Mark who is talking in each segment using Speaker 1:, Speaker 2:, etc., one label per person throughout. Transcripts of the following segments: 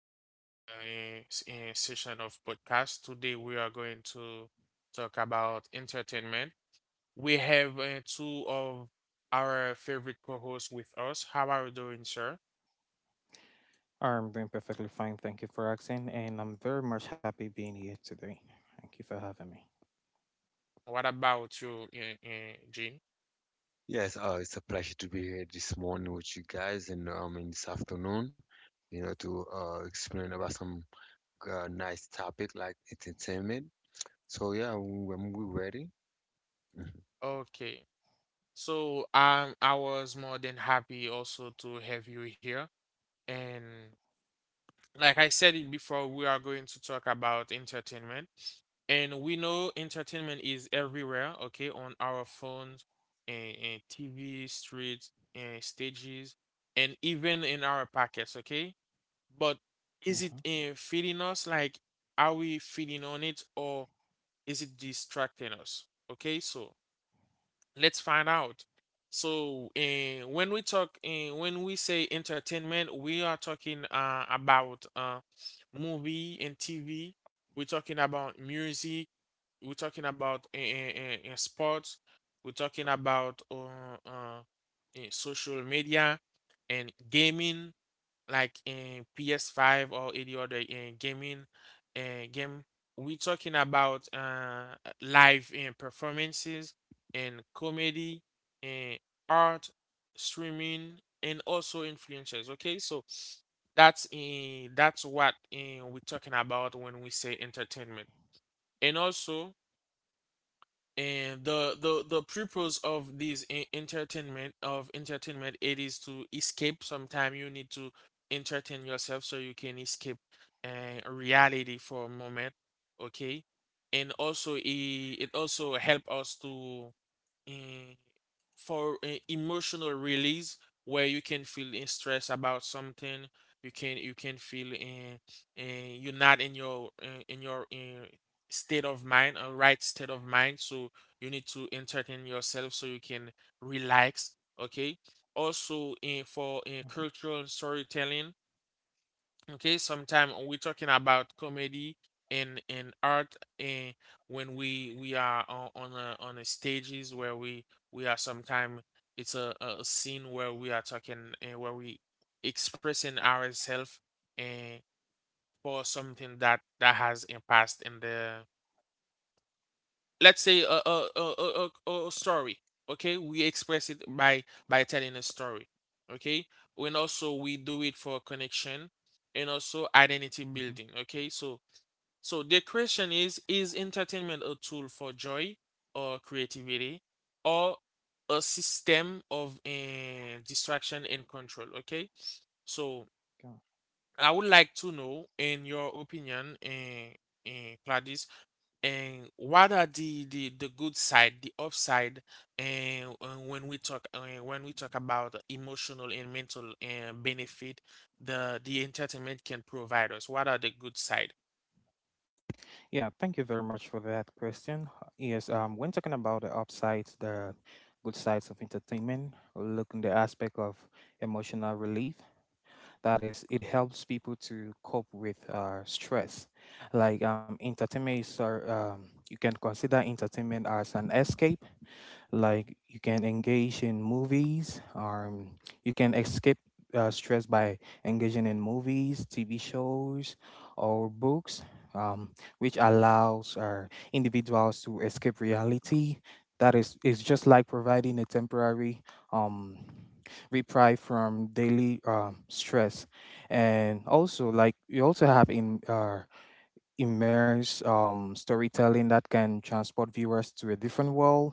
Speaker 1: back to the session of podcast. Today, we are going to talk about entertainment. We have 2 of our favorite co-hosts with us. How are you doing, sir?
Speaker 2: I'm doing perfectly fine. Thank you for asking, and I'm very much happy being here today. Thank you for having me.
Speaker 1: What about you, Jean?
Speaker 3: Yes, it's a pleasure to be here this morning with you guys, and in this afternoon, to explain about some nice topic like entertainment. So yeah, when we're ready. Mhm.
Speaker 1: Okay. So, I was more than happy also to have you here. And. Like I said it before, we are going to talk about entertainment. And we know entertainment is everywhere, okay, on our phones, and TV, streets, and stages, and even in our pockets, okay? But is it
Speaker 2: Mhm,
Speaker 1: feeding us? Like, are we feeding on it or is it distracting us? Okay, so let's find out. So, when we say entertainment, we are talking about movie and TV. We're talking about music. We're talking about sports. We're talking about social media and gaming like in PS5 or any other in gaming and game. We're talking about live in performances and comedy and art, streaming, and also influencers. Okay, so that's what we're talking about when we say entertainment, and also and the purpose of this entertainment, it is to escape. Sometimes you need to entertain yourself so you can escape reality for a moment, okay. And also it also help
Speaker 2: mhm,
Speaker 1: us to, uh, for emotional release, where you can feel in stress about something. You can feel in, you're not in your state of mind, a right state of mind. So you need to entertain yourself so you can relax. Okay. Also, in for in
Speaker 2: mhm,
Speaker 1: cultural storytelling. Okay. Sometimes we're talking about comedy and art, and when we are on on a stages where we are sometimes, it's a scene where we are talking and where we expressing ourselves and for something that that has impact in the, let's say a story, okay. We express it by telling a story, okay. And also we do it for connection and also identity building,
Speaker 2: mhm.
Speaker 1: okay. so so the question is entertainment a tool for joy or creativity, or a system of distraction and control, okay. So
Speaker 2: Go on.
Speaker 1: I would like to know in your opinion, and what are the the good side, the upside. And when we talk about emotional and mental benefit the entertainment can provide us, what are the good side?
Speaker 2: Yeah, thank you very much for that question. Yes, when talking about the upsides, the good sides of entertainment, looking the aspect of emotional relief, that is, it helps people to cope with stress. Like entertainment is, you can consider entertainment as an escape. Like you can engage in movies, you can escape stress by engaging in movies, TV shows, or books, um, which allows individuals to escape reality. That is just like providing a temporary um, reprieve from daily stress, and also like you also have in immerse storytelling that can transport viewers to a different world.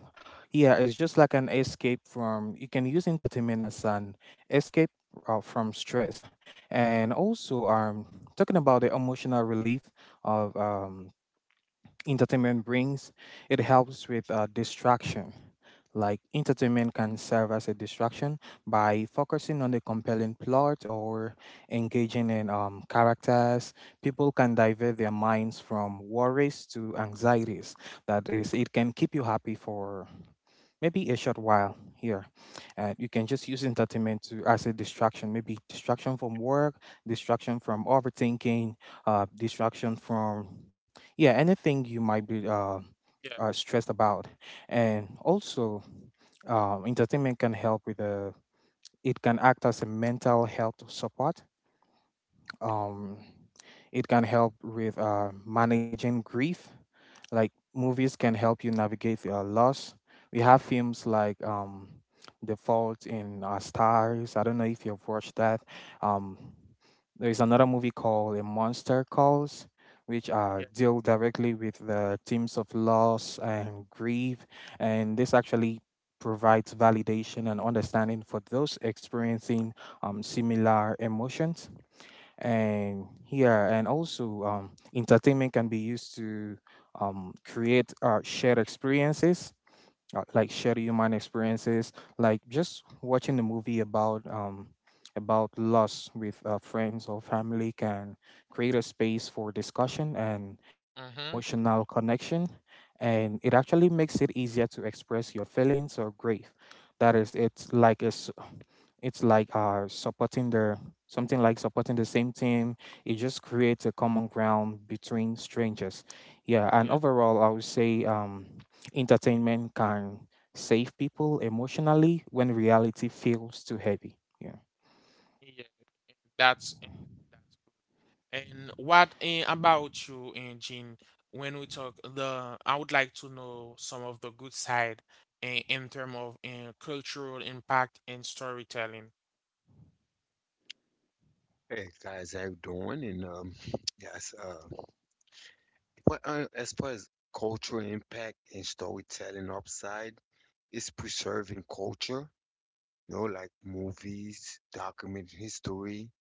Speaker 2: Yeah, it's just like an escape from, you can use entertainment as an escape from stress. And also, talking about the emotional relief of entertainment brings, it helps with distraction. Like entertainment can serve as a distraction by focusing on the compelling plot or engaging in characters. People can divert their minds from worries to anxieties. That is, it can keep you happy for maybe a short while here. You can just use entertainment to as a distraction, maybe distraction from work, distraction from overthinking, distraction from yeah anything you might be
Speaker 1: Yeah.
Speaker 2: stressed about, and also entertainment can help with the it can act as a mental health support. Um, it can help with managing grief like movies can help you navigate loss. We have films like The Fault in Our Stars. I don't know if you've watched that. Um, there's another movie called A Monster Calls, which
Speaker 1: Yeah.
Speaker 2: deal directly with the themes of loss and grief, and this actually provides validation and understanding for those experiencing similar emotions, and yeah, and also entertainment can be used to create shared experiences, like share your mind experiences, like just watching the movie about loss with friends or family can create a space for discussion and
Speaker 1: Mm-hmm.
Speaker 2: emotional connection, and it actually makes it easier to express your feelings or grief. That is, it's like supporting the something like supporting the same team. It just creates a common ground between strangers. Yeah, and
Speaker 1: Yeah.
Speaker 2: overall, I would say entertainment can save people emotionally when reality feels too heavy. Yeah.
Speaker 1: Yeah, that's uh, that's good. And what about you and Jean? When we talk, the, I would like to know some of the good side in terms of cultural impact and storytelling.
Speaker 3: Hey guys, how you doing? And yes, as far as cultural impact and storytelling upside, it's preserving culture. You know, like movies, documenting history,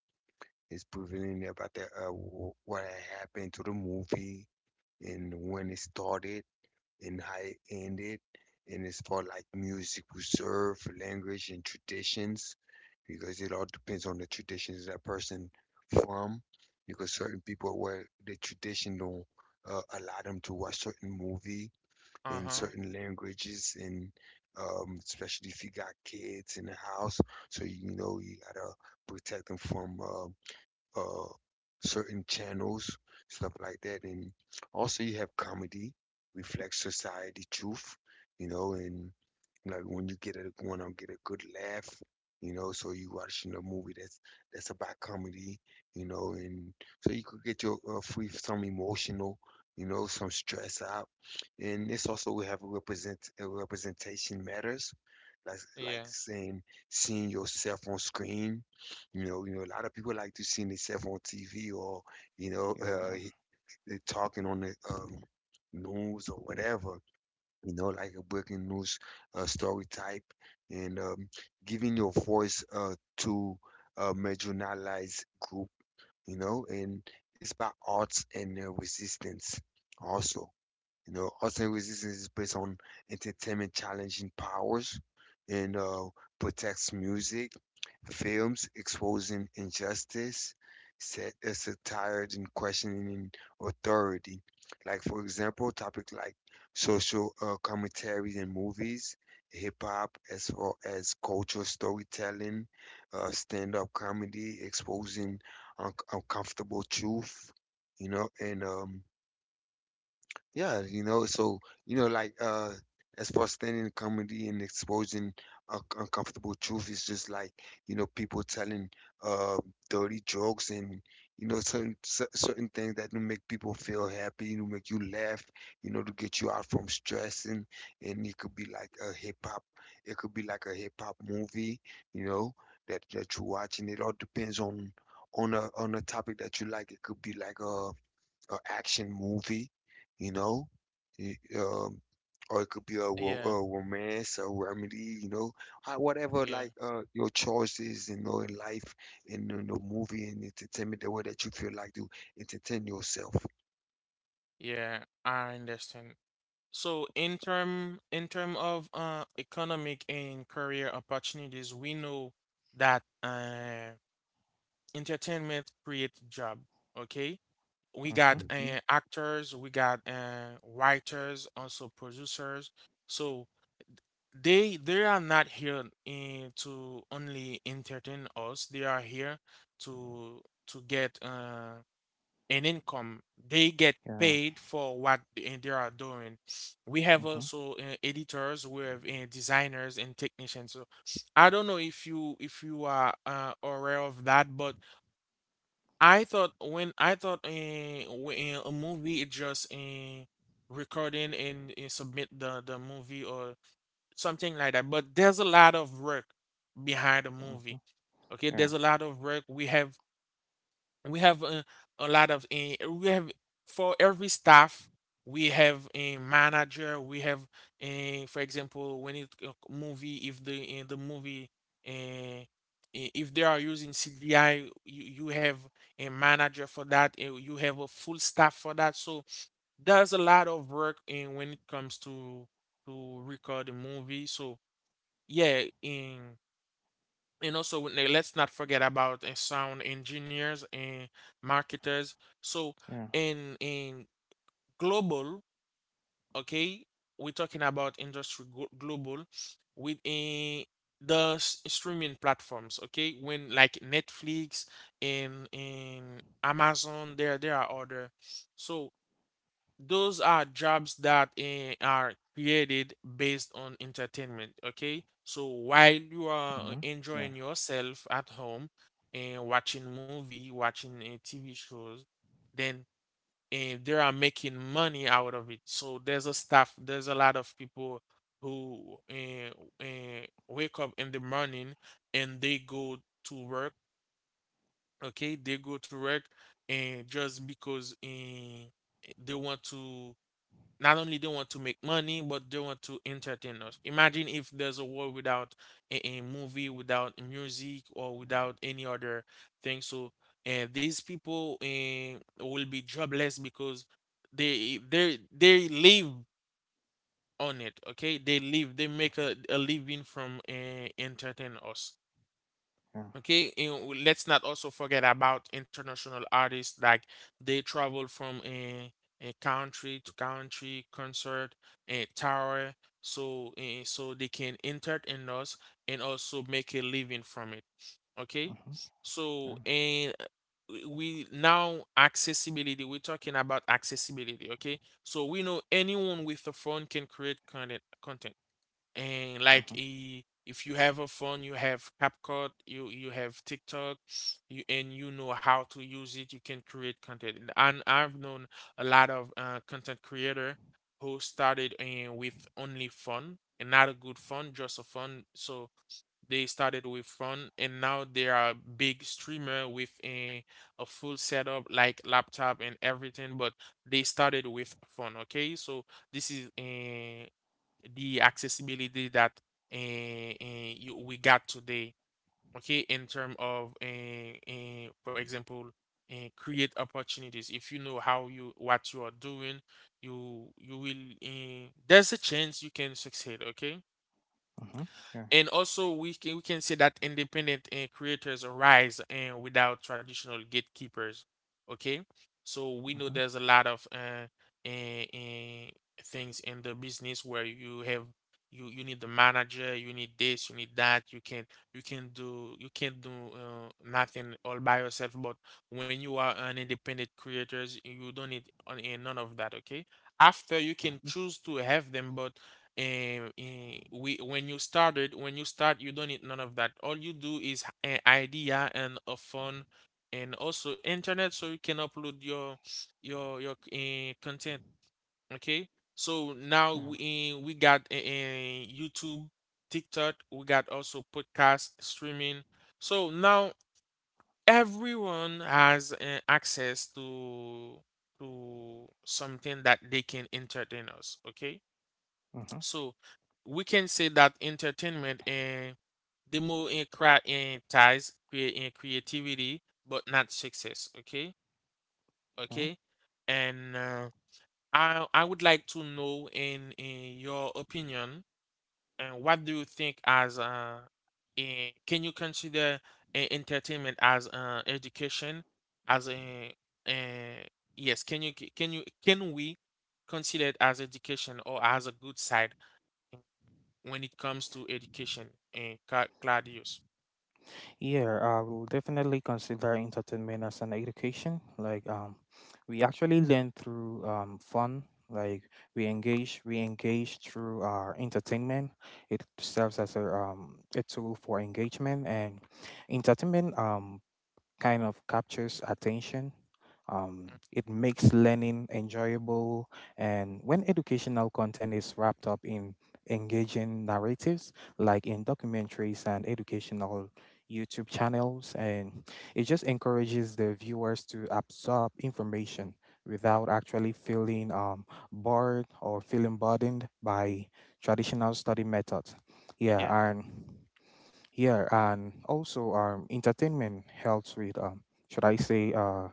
Speaker 3: it's preventing about the what had happened to the movie and when it started and how it ended. And as far like music preserve language and traditions, because it all depends on the traditions that person from. Because certain people where the tradition don't allow them to watch certain movie in
Speaker 1: Uh-huh.
Speaker 3: certain languages, and especially if you got kids in the house, so you know you gotta protect them from uh, certain channels, stuff like that. And also you have comedy, reflects society truth, you know, and like when I get a good laugh, you know, so you watching a movie that's about comedy, you know, and so you could get your free some emotional, you know, some stress out, and it's also we have a representation matters, like
Speaker 1: Yeah.
Speaker 3: saying seeing yourself on screen, you know, a lot of people like to see themselves on TV or, you know,
Speaker 2: Yeah.
Speaker 3: they talking on the news or whatever, you know, like a breaking news story type, and giving your voice to a marginalized group, you know, and it's about arts and resistance also. You know, Austin Resistance is based on entertainment challenging powers and protects music, films exposing injustice, set satire and questioning authority. Like for example, topic like social commentary in movies, hip hop, as well as cultural storytelling, stand up comedy exposing uncomfortable truth. You know, and yeah, you know, so you know, like as far as standing in comedy and exposing un uncomfortable truth, it's just like, you know, people telling uh dirty jokes, and you know certain things that will make people feel happy, you know, make you laugh, you know, to get you out from stress. And it could be like a hip hop, it could be like a hip hop movie, you know, that you're watching. It all depends on on a topic that you like. It could be like a action movie, you know, Y- um, or it could be a,
Speaker 1: Yeah,
Speaker 3: a romance, a remedy, you know, whatever
Speaker 1: yeah,
Speaker 3: like your choice is, you know, in life, in the movie and entertainment, the way that you feel like to entertain yourself.
Speaker 1: yeah, I understand. So in term, in term of economic and career opportunities, we know that entertainment creates job, okay? We got
Speaker 2: Mm-hmm.
Speaker 3: Hmm.
Speaker 1: actors, we got writers, also producers. So they are not here in to only entertain us. They are here to to get an income. They get
Speaker 2: Yeah.
Speaker 1: paid for what they are doing. We have
Speaker 2: Mm-hmm.
Speaker 1: also editors, we have designers and technicians. So I don't know if you, if you are aware of that, but I thought when a movie is just recording and submit the movie or something like that. But there's a lot of work behind a
Speaker 2: Mm-hmm.
Speaker 1: movie. Okay,
Speaker 2: Yeah.
Speaker 1: there's a lot of work. We have a lot of we have for every staff we have a manager. We have for example, when it movie if the the movie, uh, if they are using CGI, you have a manager for that. You have a full staff for that. So there's a lot of work in when it comes to record a movie. So yeah, in, and also, let's not forget about sound engineers and marketers. So,
Speaker 2: Yeah.
Speaker 1: in global, okay, we're talking about industry, global, with the streaming platforms. Okay, when like Netflix and in Amazon, there are other. So those are jobs that are created based on entertainment, okay. So while you
Speaker 2: Mm-hmm.
Speaker 1: are
Speaker 2: Yeah.
Speaker 1: enjoying yourself at home and watching movie, watching tv shows, then and they are making money out of it. So there's a staff, there's a lot of people who, wake up in the morning and they go to work, okay. They go to work and just because they want to, not only they want to make money, but they want to entertain us. Imagine if there's a world without a movie, without music, or without any other thing. So and these people, will be jobless because they they live on it, okay. They live, they make a living from entertain us.
Speaker 2: Yeah.
Speaker 1: Okay, and let's not also forget about international artists. Like they travel from a country to country, concert, a tour, so so they can entertain us and also make a living from it. Okay,
Speaker 2: Mm-hmm.
Speaker 1: so
Speaker 2: Yeah.
Speaker 1: and we now accessibility. We're talking about accessibility. Okay, so we know anyone with a phone can create content. Content, and like
Speaker 2: Mm-hmm.
Speaker 1: if you have a phone, you have CapCut, you have TikTok, you and you know how to use it, you can create content. I've known a lot of content creator who started in with only phone, and not a good phone, just a phone. So they started with phone, and now they are big streamer with a full setup like laptop and everything, but they started with phone. Okay, so this is the accessibility that you, we got today, okay, in terms of, for example, create opportunities. If you know how, you what you are doing, you will. There's a chance you can succeed. Okay.
Speaker 2: Mm-hmm. Yeah.
Speaker 1: And also, we can say that independent creators arise and without traditional gatekeepers. Okay, so we know
Speaker 2: Mm-hmm.
Speaker 1: there's a lot of uh, uh, things in the business where you have, you need the manager, you need this, you need that. You can, you can do you can't do nothing all by yourself. But when you are an independent creators, you don't need on, none of that. Okay, after you can choose to have them, but, and we when you started, when you start, you don't need none of that. All you do is an idea and a phone and also internet, so you can upload your content, okay. So now
Speaker 2: Mm-hmm. Yeah.
Speaker 1: we got youtube, tiktok, we got also podcast streaming. So now everyone has access to something that they can entertain us, okay.
Speaker 2: Mm-hmm.
Speaker 1: So we can say that entertainment and democratize create in creativity, but not success. Okay,
Speaker 2: Okay.
Speaker 1: okay. And I would like to know in your opinion, and what do you think as can you consider entertainment as education as a uh, yes? Can you, can you, can we consider it as education or as a good side when it comes to education, and Claudius?
Speaker 2: Yeah, I will definitely consider entertainment as an education. Like, we actually learn through fun. Like, we engage through our entertainment. It serves as a tool for engagement and entertainment. Kind of captures attention. It makes learning enjoyable, and when educational content is wrapped up in engaging narratives, like in documentaries and educational YouTube channels, and it just encourages the viewers to absorb information
Speaker 1: Uh,
Speaker 2: without actually feeling bored or feeling burdened by traditional study methods.
Speaker 1: yeah.
Speaker 2: Yeah,
Speaker 1: Yeah,
Speaker 2: and yeah, and also entertainment helps with should I say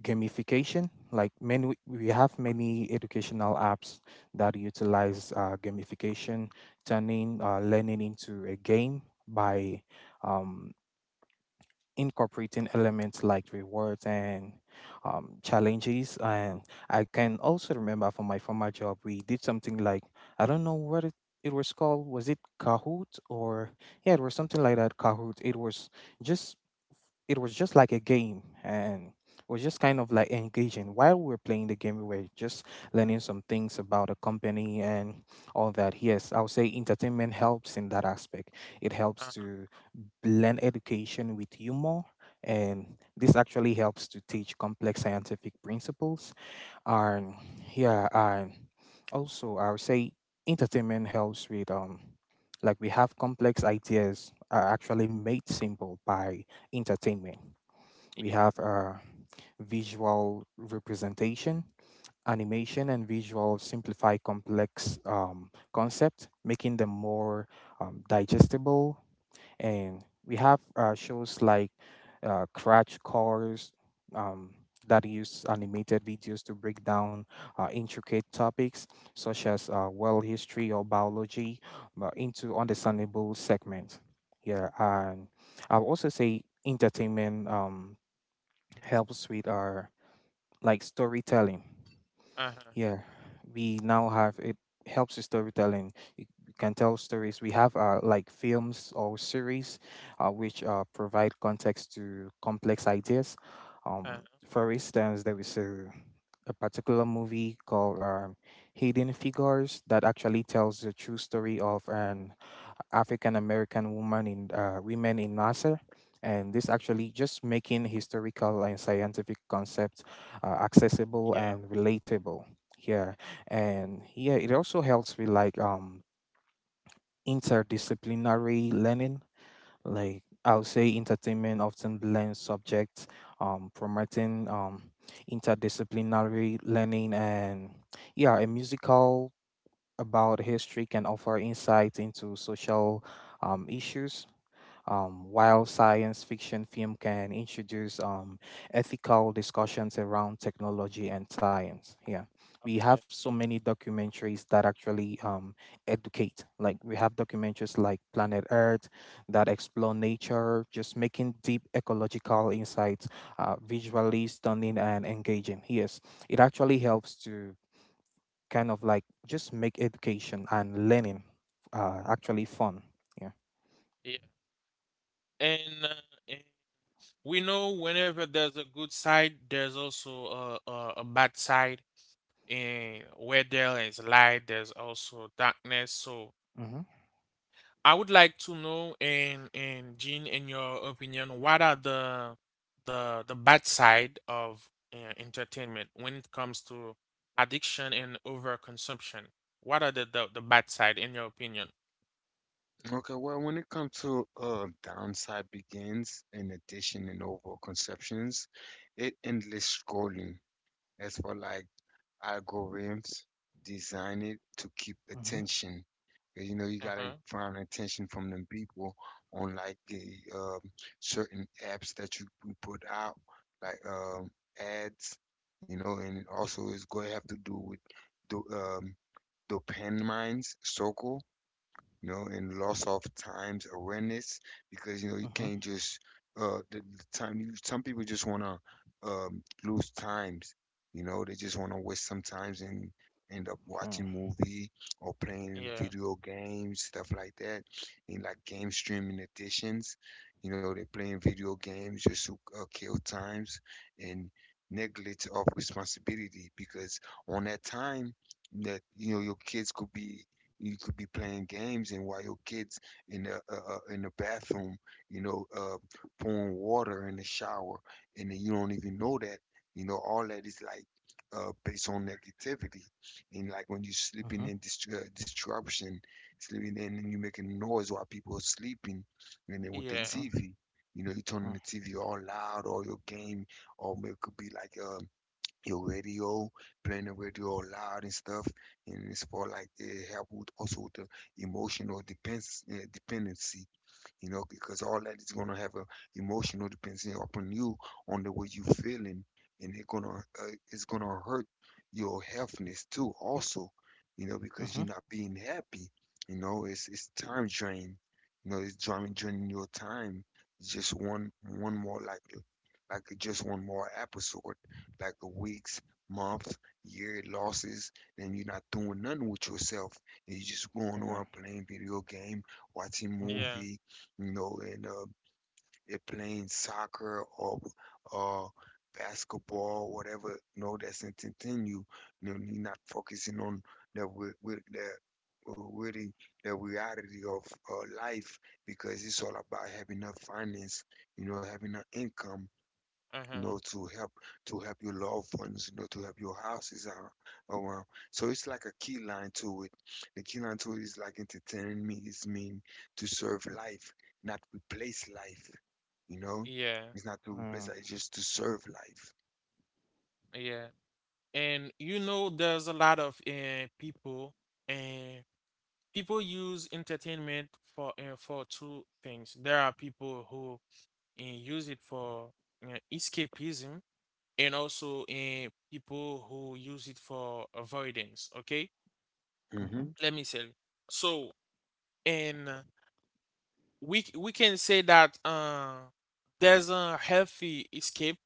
Speaker 2: gamification? Like many, we have many educational apps that utilize gamification, turning learning into a game by um, incorporating elements like rewards and challenges. And I can also remember from my former job, we did something like I don't know what it was called. Was it Kahoot or yeah, it was something like that. Kahoot. Just it was just like a game, and it was just kind of like engaging. While we were playing the game, we were just learning some things about the company and all that. Yes, I would say entertainment helps in that aspect. It helps
Speaker 1: uh-huh.
Speaker 2: to blend education with humor, and this actually helps to teach complex scientific principles. And yeah, and also I would say entertainment helps with like we have complex ideas are actually made simple by entertainment. We
Speaker 1: Yeah,
Speaker 2: have visual representation, animation, and visual simplify complex concepts, making them more digestible, and we have shows like Crash Course, um, that use animated videos to break down intricate topics such as world history or biology but into understandable segments. Yeah, and I'll also say entertainment helps with our like storytelling.
Speaker 1: uh-huh.
Speaker 2: Yeah, we now have it helps with storytelling. You can tell stories. We have like films or series, which provide context to complex ideas.
Speaker 1: Uh-huh.
Speaker 2: For instance, there is a particular movie called Hidden Figures that actually tells the true story of an African American woman in women in NASA, and this actually just making historical and scientific concepts accessible
Speaker 1: Yeah.
Speaker 2: and relatable. Yeah, and yeah, it also helps with like interdisciplinary learning. Like I'll say, entertainment often blends subjects, promoting interdisciplinary learning, and yeah, a musical about history can offer insight into social issues, while science fiction film can introduce ethical discussions around technology and science. Yeah, we have
Speaker 1: Okay.
Speaker 2: so many documentaries that actually educate. Like we have documentaries like Planet Earth that explore nature, just making deep ecological insights visually stunning and engaging. Yes, it actually helps to kind of like just make education and learning actually fun. Yeah.
Speaker 1: Yeah. And, uh, and we know whenever there's a good side, there's also a bad side. And where there is light, there's also darkness. So
Speaker 2: Mhm.
Speaker 1: I would like to know, and Jean, in your opinion, what are the the bad side of entertainment when it comes to addiction and overconsumption? What are the the bad side in your opinion?
Speaker 3: Okay, well, when it comes to downside begins in addition and overall conceptions, it endless scrolling as for like algorithms designed to keep
Speaker 2: Mhm.
Speaker 3: attention. You know, you
Speaker 1: Uh
Speaker 3: gotta
Speaker 1: huh.
Speaker 3: find attention from them people on like the certain apps that you put out, like ads. You know, and also it's going to have to do with the dopamine circle, you know, and loss of times awareness because you know you
Speaker 2: Mhm.
Speaker 3: can't just the time you some people just wanna lose times, you know, they just wanna waste some times and end up
Speaker 2: Yeah.
Speaker 3: watching movie or playing
Speaker 1: Yeah.
Speaker 3: video games, stuff like that. And like game streaming editions, you know, they're playing video games just to kill times and neglect of responsibility because on that time that you know your kids could be you could be playing games, and while your kids in the bathroom, you know, pouring water in the shower, and then you don't even know that. You know, all that is like based on negativity, and like when you're sleeping
Speaker 2: Mhm.
Speaker 3: in disruption, sleeping in, and you're making noise while people are sleeping, and then with the
Speaker 1: Yeah.
Speaker 2: Mhm.
Speaker 3: TV. You know, you turning the TV all loud, or your game, or it could be like your radio, playing the radio loud and stuff, and it's for like it help with also with the emotional depends dependency, you know, because all that is going to have a emotional dependency upon you on the way you feeling, and it's gonna hurt your healthness too, also, you know, because you're not being happy, you know, it's time drain, you know, it's draining your time. It's just one more like just one more episode, like a weeks, month, year losses, and you're not doing nothing with yourself, and you're just going
Speaker 2: Yeah.
Speaker 3: on playing video game watching
Speaker 2: Mhm.
Speaker 1: Yeah.
Speaker 3: movie, you know, and they're playing soccer or uh, basketball, whatever, you know, that's entertaining you. You know, you're not focusing on the with, with the with the reality of life, because it's all about having enough finance, you know, having an income,
Speaker 1: Uh
Speaker 3: you
Speaker 1: huh.
Speaker 3: know, to help your loved ones, you know, to help your houses around. So it's like a key line to it. The key line to it is like entertaining me is mean to serve life, not replace life. You know,
Speaker 1: Yeah.
Speaker 3: it's not to replace life, it's just to serve life.
Speaker 1: Yeah. And you know, there's a lot of people and people use entertainment for two things. There are people who and use it for escapism, and also in people who use it for avoidance, okay,
Speaker 3: Hmm.
Speaker 1: let me say. So and we can say that there's a healthy escape.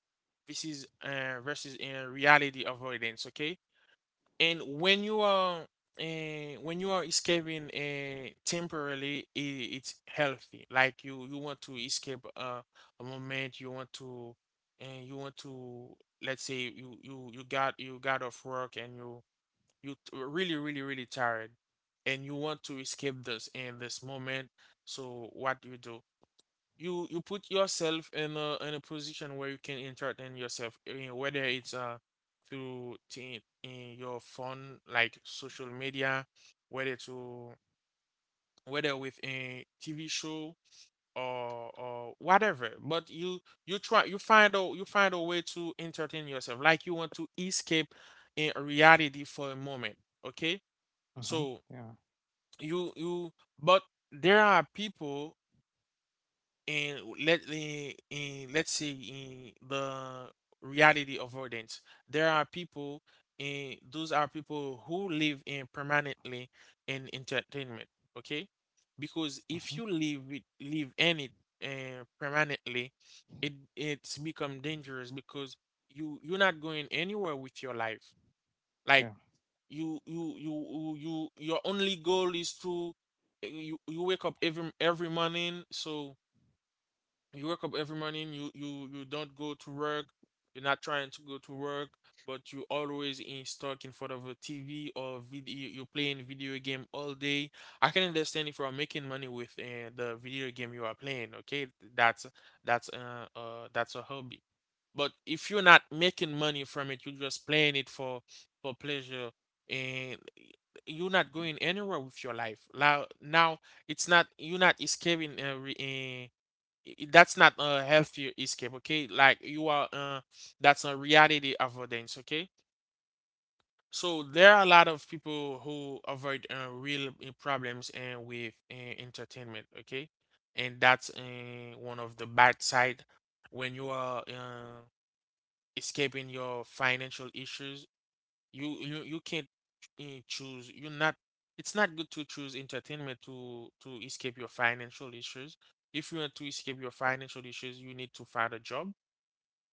Speaker 1: This is versus in reality avoidance, okay. And when you are escaping temporarily, I it's healthy. Like you want to escape a moment. You want to, and you want to. Let's say you you got off work and you really really really tired, and you want to escape this in this moment. So what do you do? You put yourself in a position where you can entertain yourself, whether it's in your phone like social media, whether to whether with a TV show or whatever. But you try you find a way to entertain yourself, like you want to escape in reality for a moment. Okay, so you but there are people, and let's say in the reality of rodents there are people, and those are people who live in permanently in entertainment. Okay, because if you live in it permanently, it's become dangerous because you're not going anywhere with your life.
Speaker 2: Yeah.
Speaker 1: Like
Speaker 2: Mhm. Yeah.
Speaker 1: your only goal is to, eh, you wake up every morning so you wake up every morning, you don't go to work, you're not trying to go to work, but you always in stuck in front of a TV, or video, you're playing video game all day. I can understand if you are making money with the video game you are playing. Okay, that's that's a hobby. But if you're not making money from it, you're just playing it for pleasure, and you're not going anywhere with your life. Now it's not, you're not escaping that's not a healthier escape. Okay, like you are that's a reality avoidance. Okay, so there are a lot of people who avoid real problems and with entertainment. Okay, and that's one of the bad side, when you are escaping your financial issues. You can't choose. You're not. It's not good to choose entertainment to escape your financial issues. If you want to escape your financial issues, you need to find a job.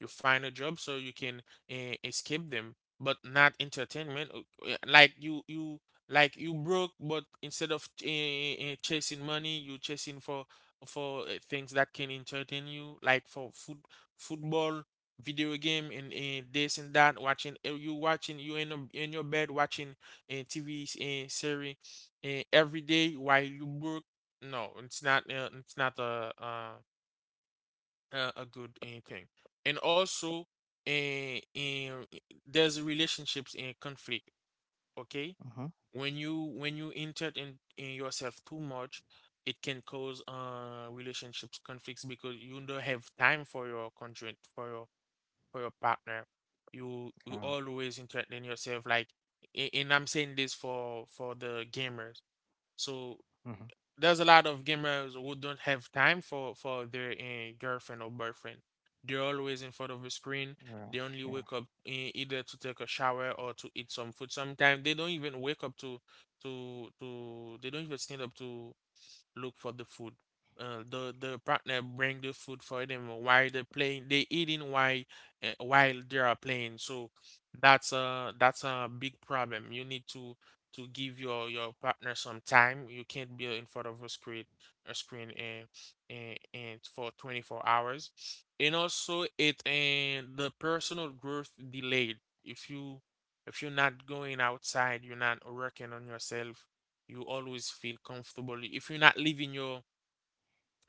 Speaker 1: You find a job so you can escape them, but not entertainment. Like you broke, but instead of chasing money, you chasing for things that can entertain you, like for food, football, video game, and this and that, watching you watching you in your bed watching a TV series every day while you work. No, it's not it's not a good thing. And also, uh, in, there's relationships in conflict. Okay,
Speaker 2: Mhm. Mhm.
Speaker 1: when you insert in yourself too much, it can cause relationships conflicts, because you don't have time for your conjoint, for your partner. You
Speaker 2: Yeah.
Speaker 1: you
Speaker 2: Mhm. Yeah. Mhm. Yeah.
Speaker 1: always insert in yourself, like, and I'm saying this for the gamers. So
Speaker 2: Mhm.
Speaker 1: there's a lot of gamers who don't have time for their girlfriend or boyfriend. They're always in front of a screen.
Speaker 2: Yeah.
Speaker 1: They only
Speaker 2: Yeah.
Speaker 1: wake up either to take a shower or to eat some food. Sometimes they don't even wake up to to. They don't even stand up to look for the food. The partner bring the food for them while they're playing. They eating while they are playing. So that's a big problem. You need to give your partner some time. You can't be in front of a screen and for 24 hours. And also, it and the personal growth delayed. If you if you're not going outside, you're not working on yourself, you always feel comfortable. If you're not leaving your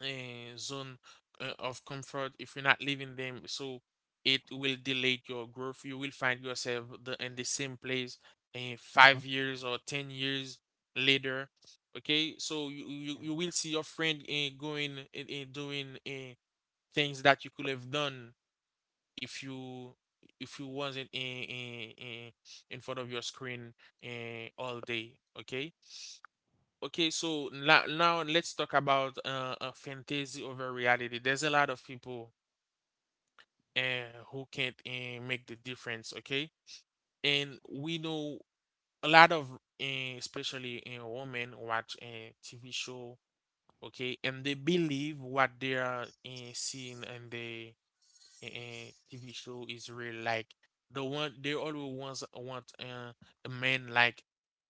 Speaker 1: zone of comfort, if you're not leaving them, so it will delay your growth. You will find yourself in the same place
Speaker 2: Mhm.
Speaker 1: 5 years or 10 years later. Okay, so you will see your friend going and doing things that you could have done, if you wasn't front of your screen all day. Okay. Now let's talk about fantasy over reality. There's a lot of people who can't make the difference, okay? And we know a lot of, especially women, watch a TV show, okay? And they believe what they are seeing in the and TV show is really like the one they always want, a man, like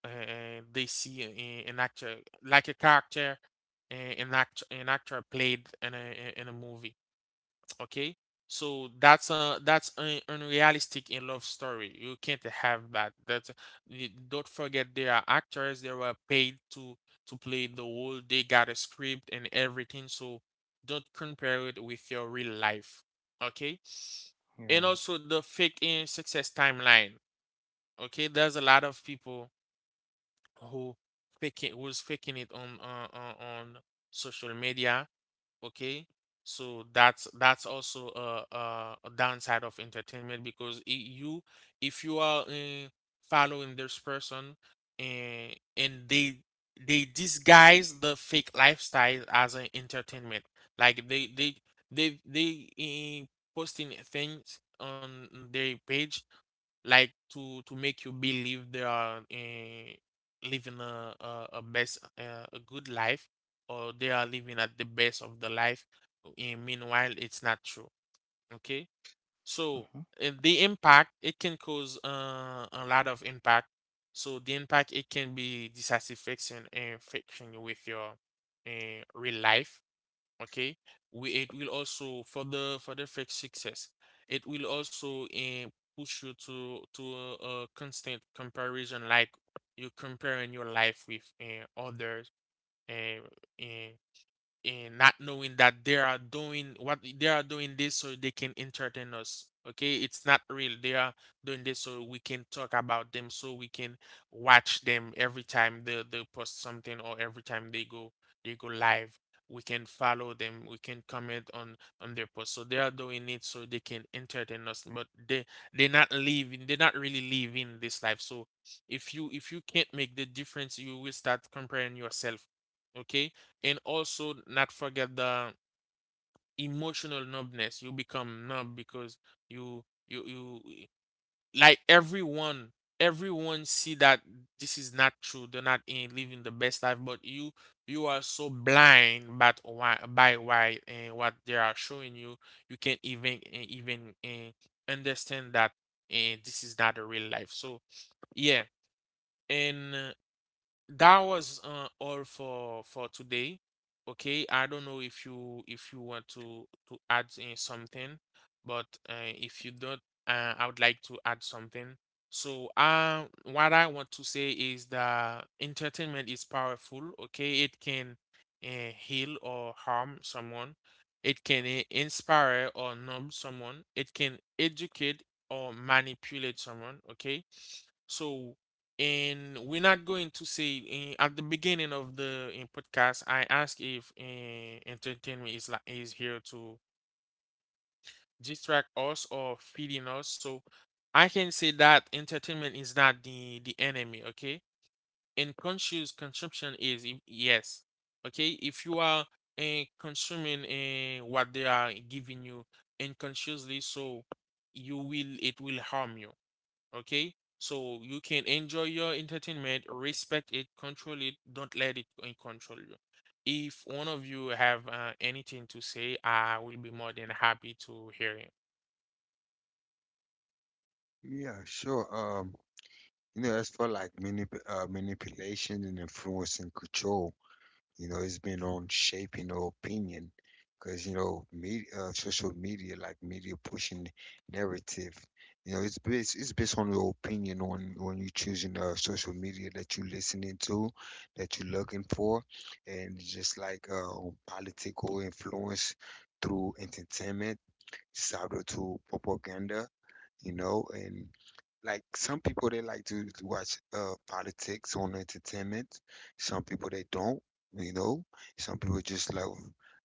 Speaker 1: they see an actor, like a character, an actor played in a movie. Okay, so that's a that's un- unrealistic in love story, you can't have that. Don't forget, they are actors, they were paid to play the role, they got a script and everything, so don't compare it with your real life. Okay, and
Speaker 2: Yeah.
Speaker 1: also the fake in success timeline. Okay, there's a lot of people who faking who's faking it on social media. Okay, so that's also a downside of entertainment, because I you if you are following this person, and they disguise the fake lifestyle as an entertainment, like they posting things on their page, like to make you believe they are living a good life, or they are living at the best of the life, and meanwhile it's not true. Okay, so
Speaker 2: Hmm.
Speaker 1: the impact, it can cause a lot of impact. So the impact, it can be dissatisfaction and friction with your real life. Okay, we it will also further fix success. It will also push you to a constant comparison, like you're comparing your life with others eh, eh, and not knowing that they are doing what they are doing this so they can entertain us. Okay, it's not real, they are doing this so we can talk about them, so we can watch them every time they post something, or every time they go live, we can follow them, we can comment on their post. So they are doing it so they can entertain us, but they're not really living this life. So if you can't make the difference, you will start comparing yourself. Okay, and also not forget the emotional numbness. You become numb, because you like everyone, see that this is not true, they're not in living the best life, but you are so blind, but why by why and what they are showing you, you can't even understand that, and this is not a real life. So yeah, and that was all for today. Okay, I don't know if you want to add in something, but if you don't, I would like to add something. So, what I want to say is that entertainment is powerful. Okay, it can heal or harm someone. It can inspire or numb someone. It can educate or manipulate someone. Okay, so, and we're not going to say, at the beginning of the in podcast I ask if entertainment is here to distract us or feeding us, so I can say that entertainment is not the enemy. Okay, and conscious consumption is, yes, okay? If you are consuming what they are giving you unconsciously, so you will it will harm you. Okay? So you can enjoy your entertainment, respect it, control it, don't let it control you. If one of you have anything to say, I will be more than happy to hear it.
Speaker 3: Yeah, sure. You know, as for like manipulation and influence and control. You know, it's been on shaping the opinion because, you know, media, social media, like media pushing narrative, you know, it's based on your opinion on when you're choosing social media that you're listening to, that you're looking for, and just like political influence through entertainment, sabotage to propaganda, you know, and like some people they like to watch politics on entertainment. Some people they don't, you know. Some people just love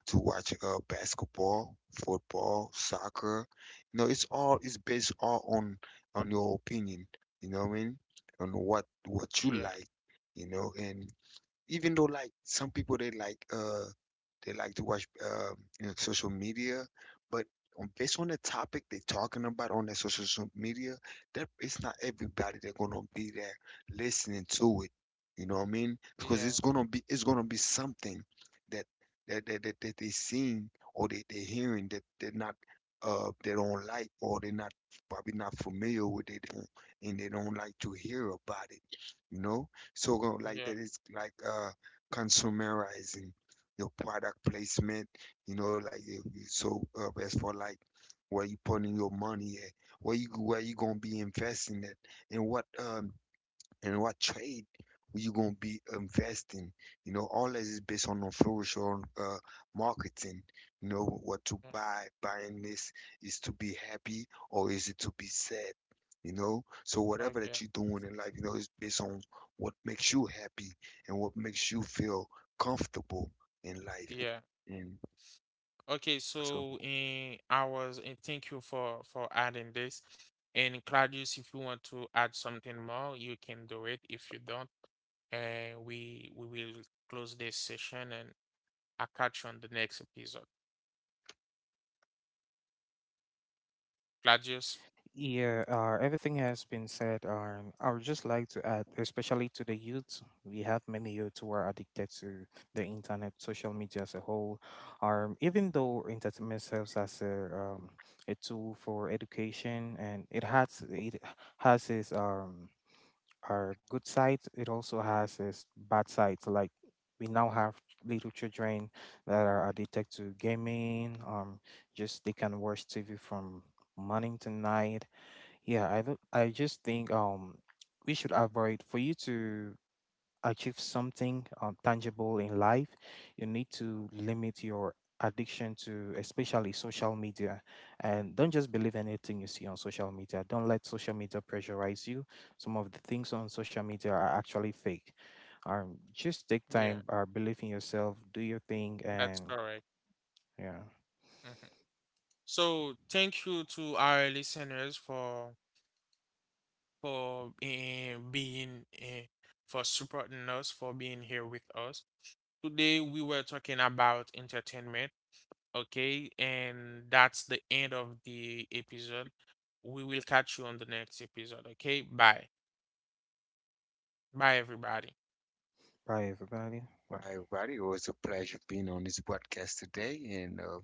Speaker 3: to watch basketball, football, soccer. You know, it's all it's based all on your opinion, you know what I mean? On what you
Speaker 1: Yeah,
Speaker 3: like, you know, and even though like some people they like to watch you know, social media, but on, based on the topic they're talking about on their social media, that it's not everybody that's gonna be there listening to it. You know what I mean? Because
Speaker 1: yeah,
Speaker 3: it's gonna be something that that they seeing or they hearing that they're not they don't like or they're not probably not familiar with it, and they don't like to hear about it. You know, so like
Speaker 1: yeah,
Speaker 3: that is like consumerizing your product placement, you know, like if you- so as for like where you putting your money at, where you gonna be investing it, and what um and what trade you gonna be investing. You know, all that is based on influence on marketing. You know what to
Speaker 1: yeah.
Speaker 3: buy. Buying this is to be happy or is it to be sad? You know, so whatever
Speaker 1: Okay,
Speaker 3: that you're doing in life, you know, is based on what makes you happy and what makes you feel comfortable in life.
Speaker 1: yeah.
Speaker 3: And
Speaker 1: Okay,
Speaker 3: so,
Speaker 1: so, in I was and thank you for adding this. And Claudius, if you want to add something more, you can do it. If you don't, we will close this session and I'll catch you on the next episode. Gladius.
Speaker 2: Yeah, everything has been said. I would just like to add, especially to the youth, we have many youth who are addicted to the internet, social media as a whole. Even though entertainment serves as a tool for education, and it has its are good sides, it also has its bad sides. Like we now have little children that are addicted to gaming. Just they can watch TV from morning to night. Yeah, I don't- I just think we should avoid. For you to achieve something tangible in life, you need to limit your addiction to especially social media, and don't just believe anything you see on social media. Don't let social media pressurize you. Some of the things on social media are actually fake. Just take
Speaker 1: Yeah,
Speaker 2: time, believe in yourself, do your thing.
Speaker 1: that's
Speaker 2: And
Speaker 1: correct.
Speaker 2: yeah,
Speaker 1: Mhm. So thank you to our listeners for for eh, being eh, for supporting us, for being here with us. Today we were talking about entertainment, okay? And that's the end of the episode. We will catch you on the next episode, okay? Bye. Bye everybody.
Speaker 2: bye everybody.
Speaker 3: bye everybody. It was a pleasure being on this podcast today, and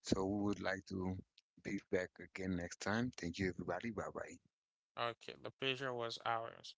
Speaker 3: so we would like to be back again next time. Thank you, everybody. Bye bye.
Speaker 1: Okay, the pleasure was ours.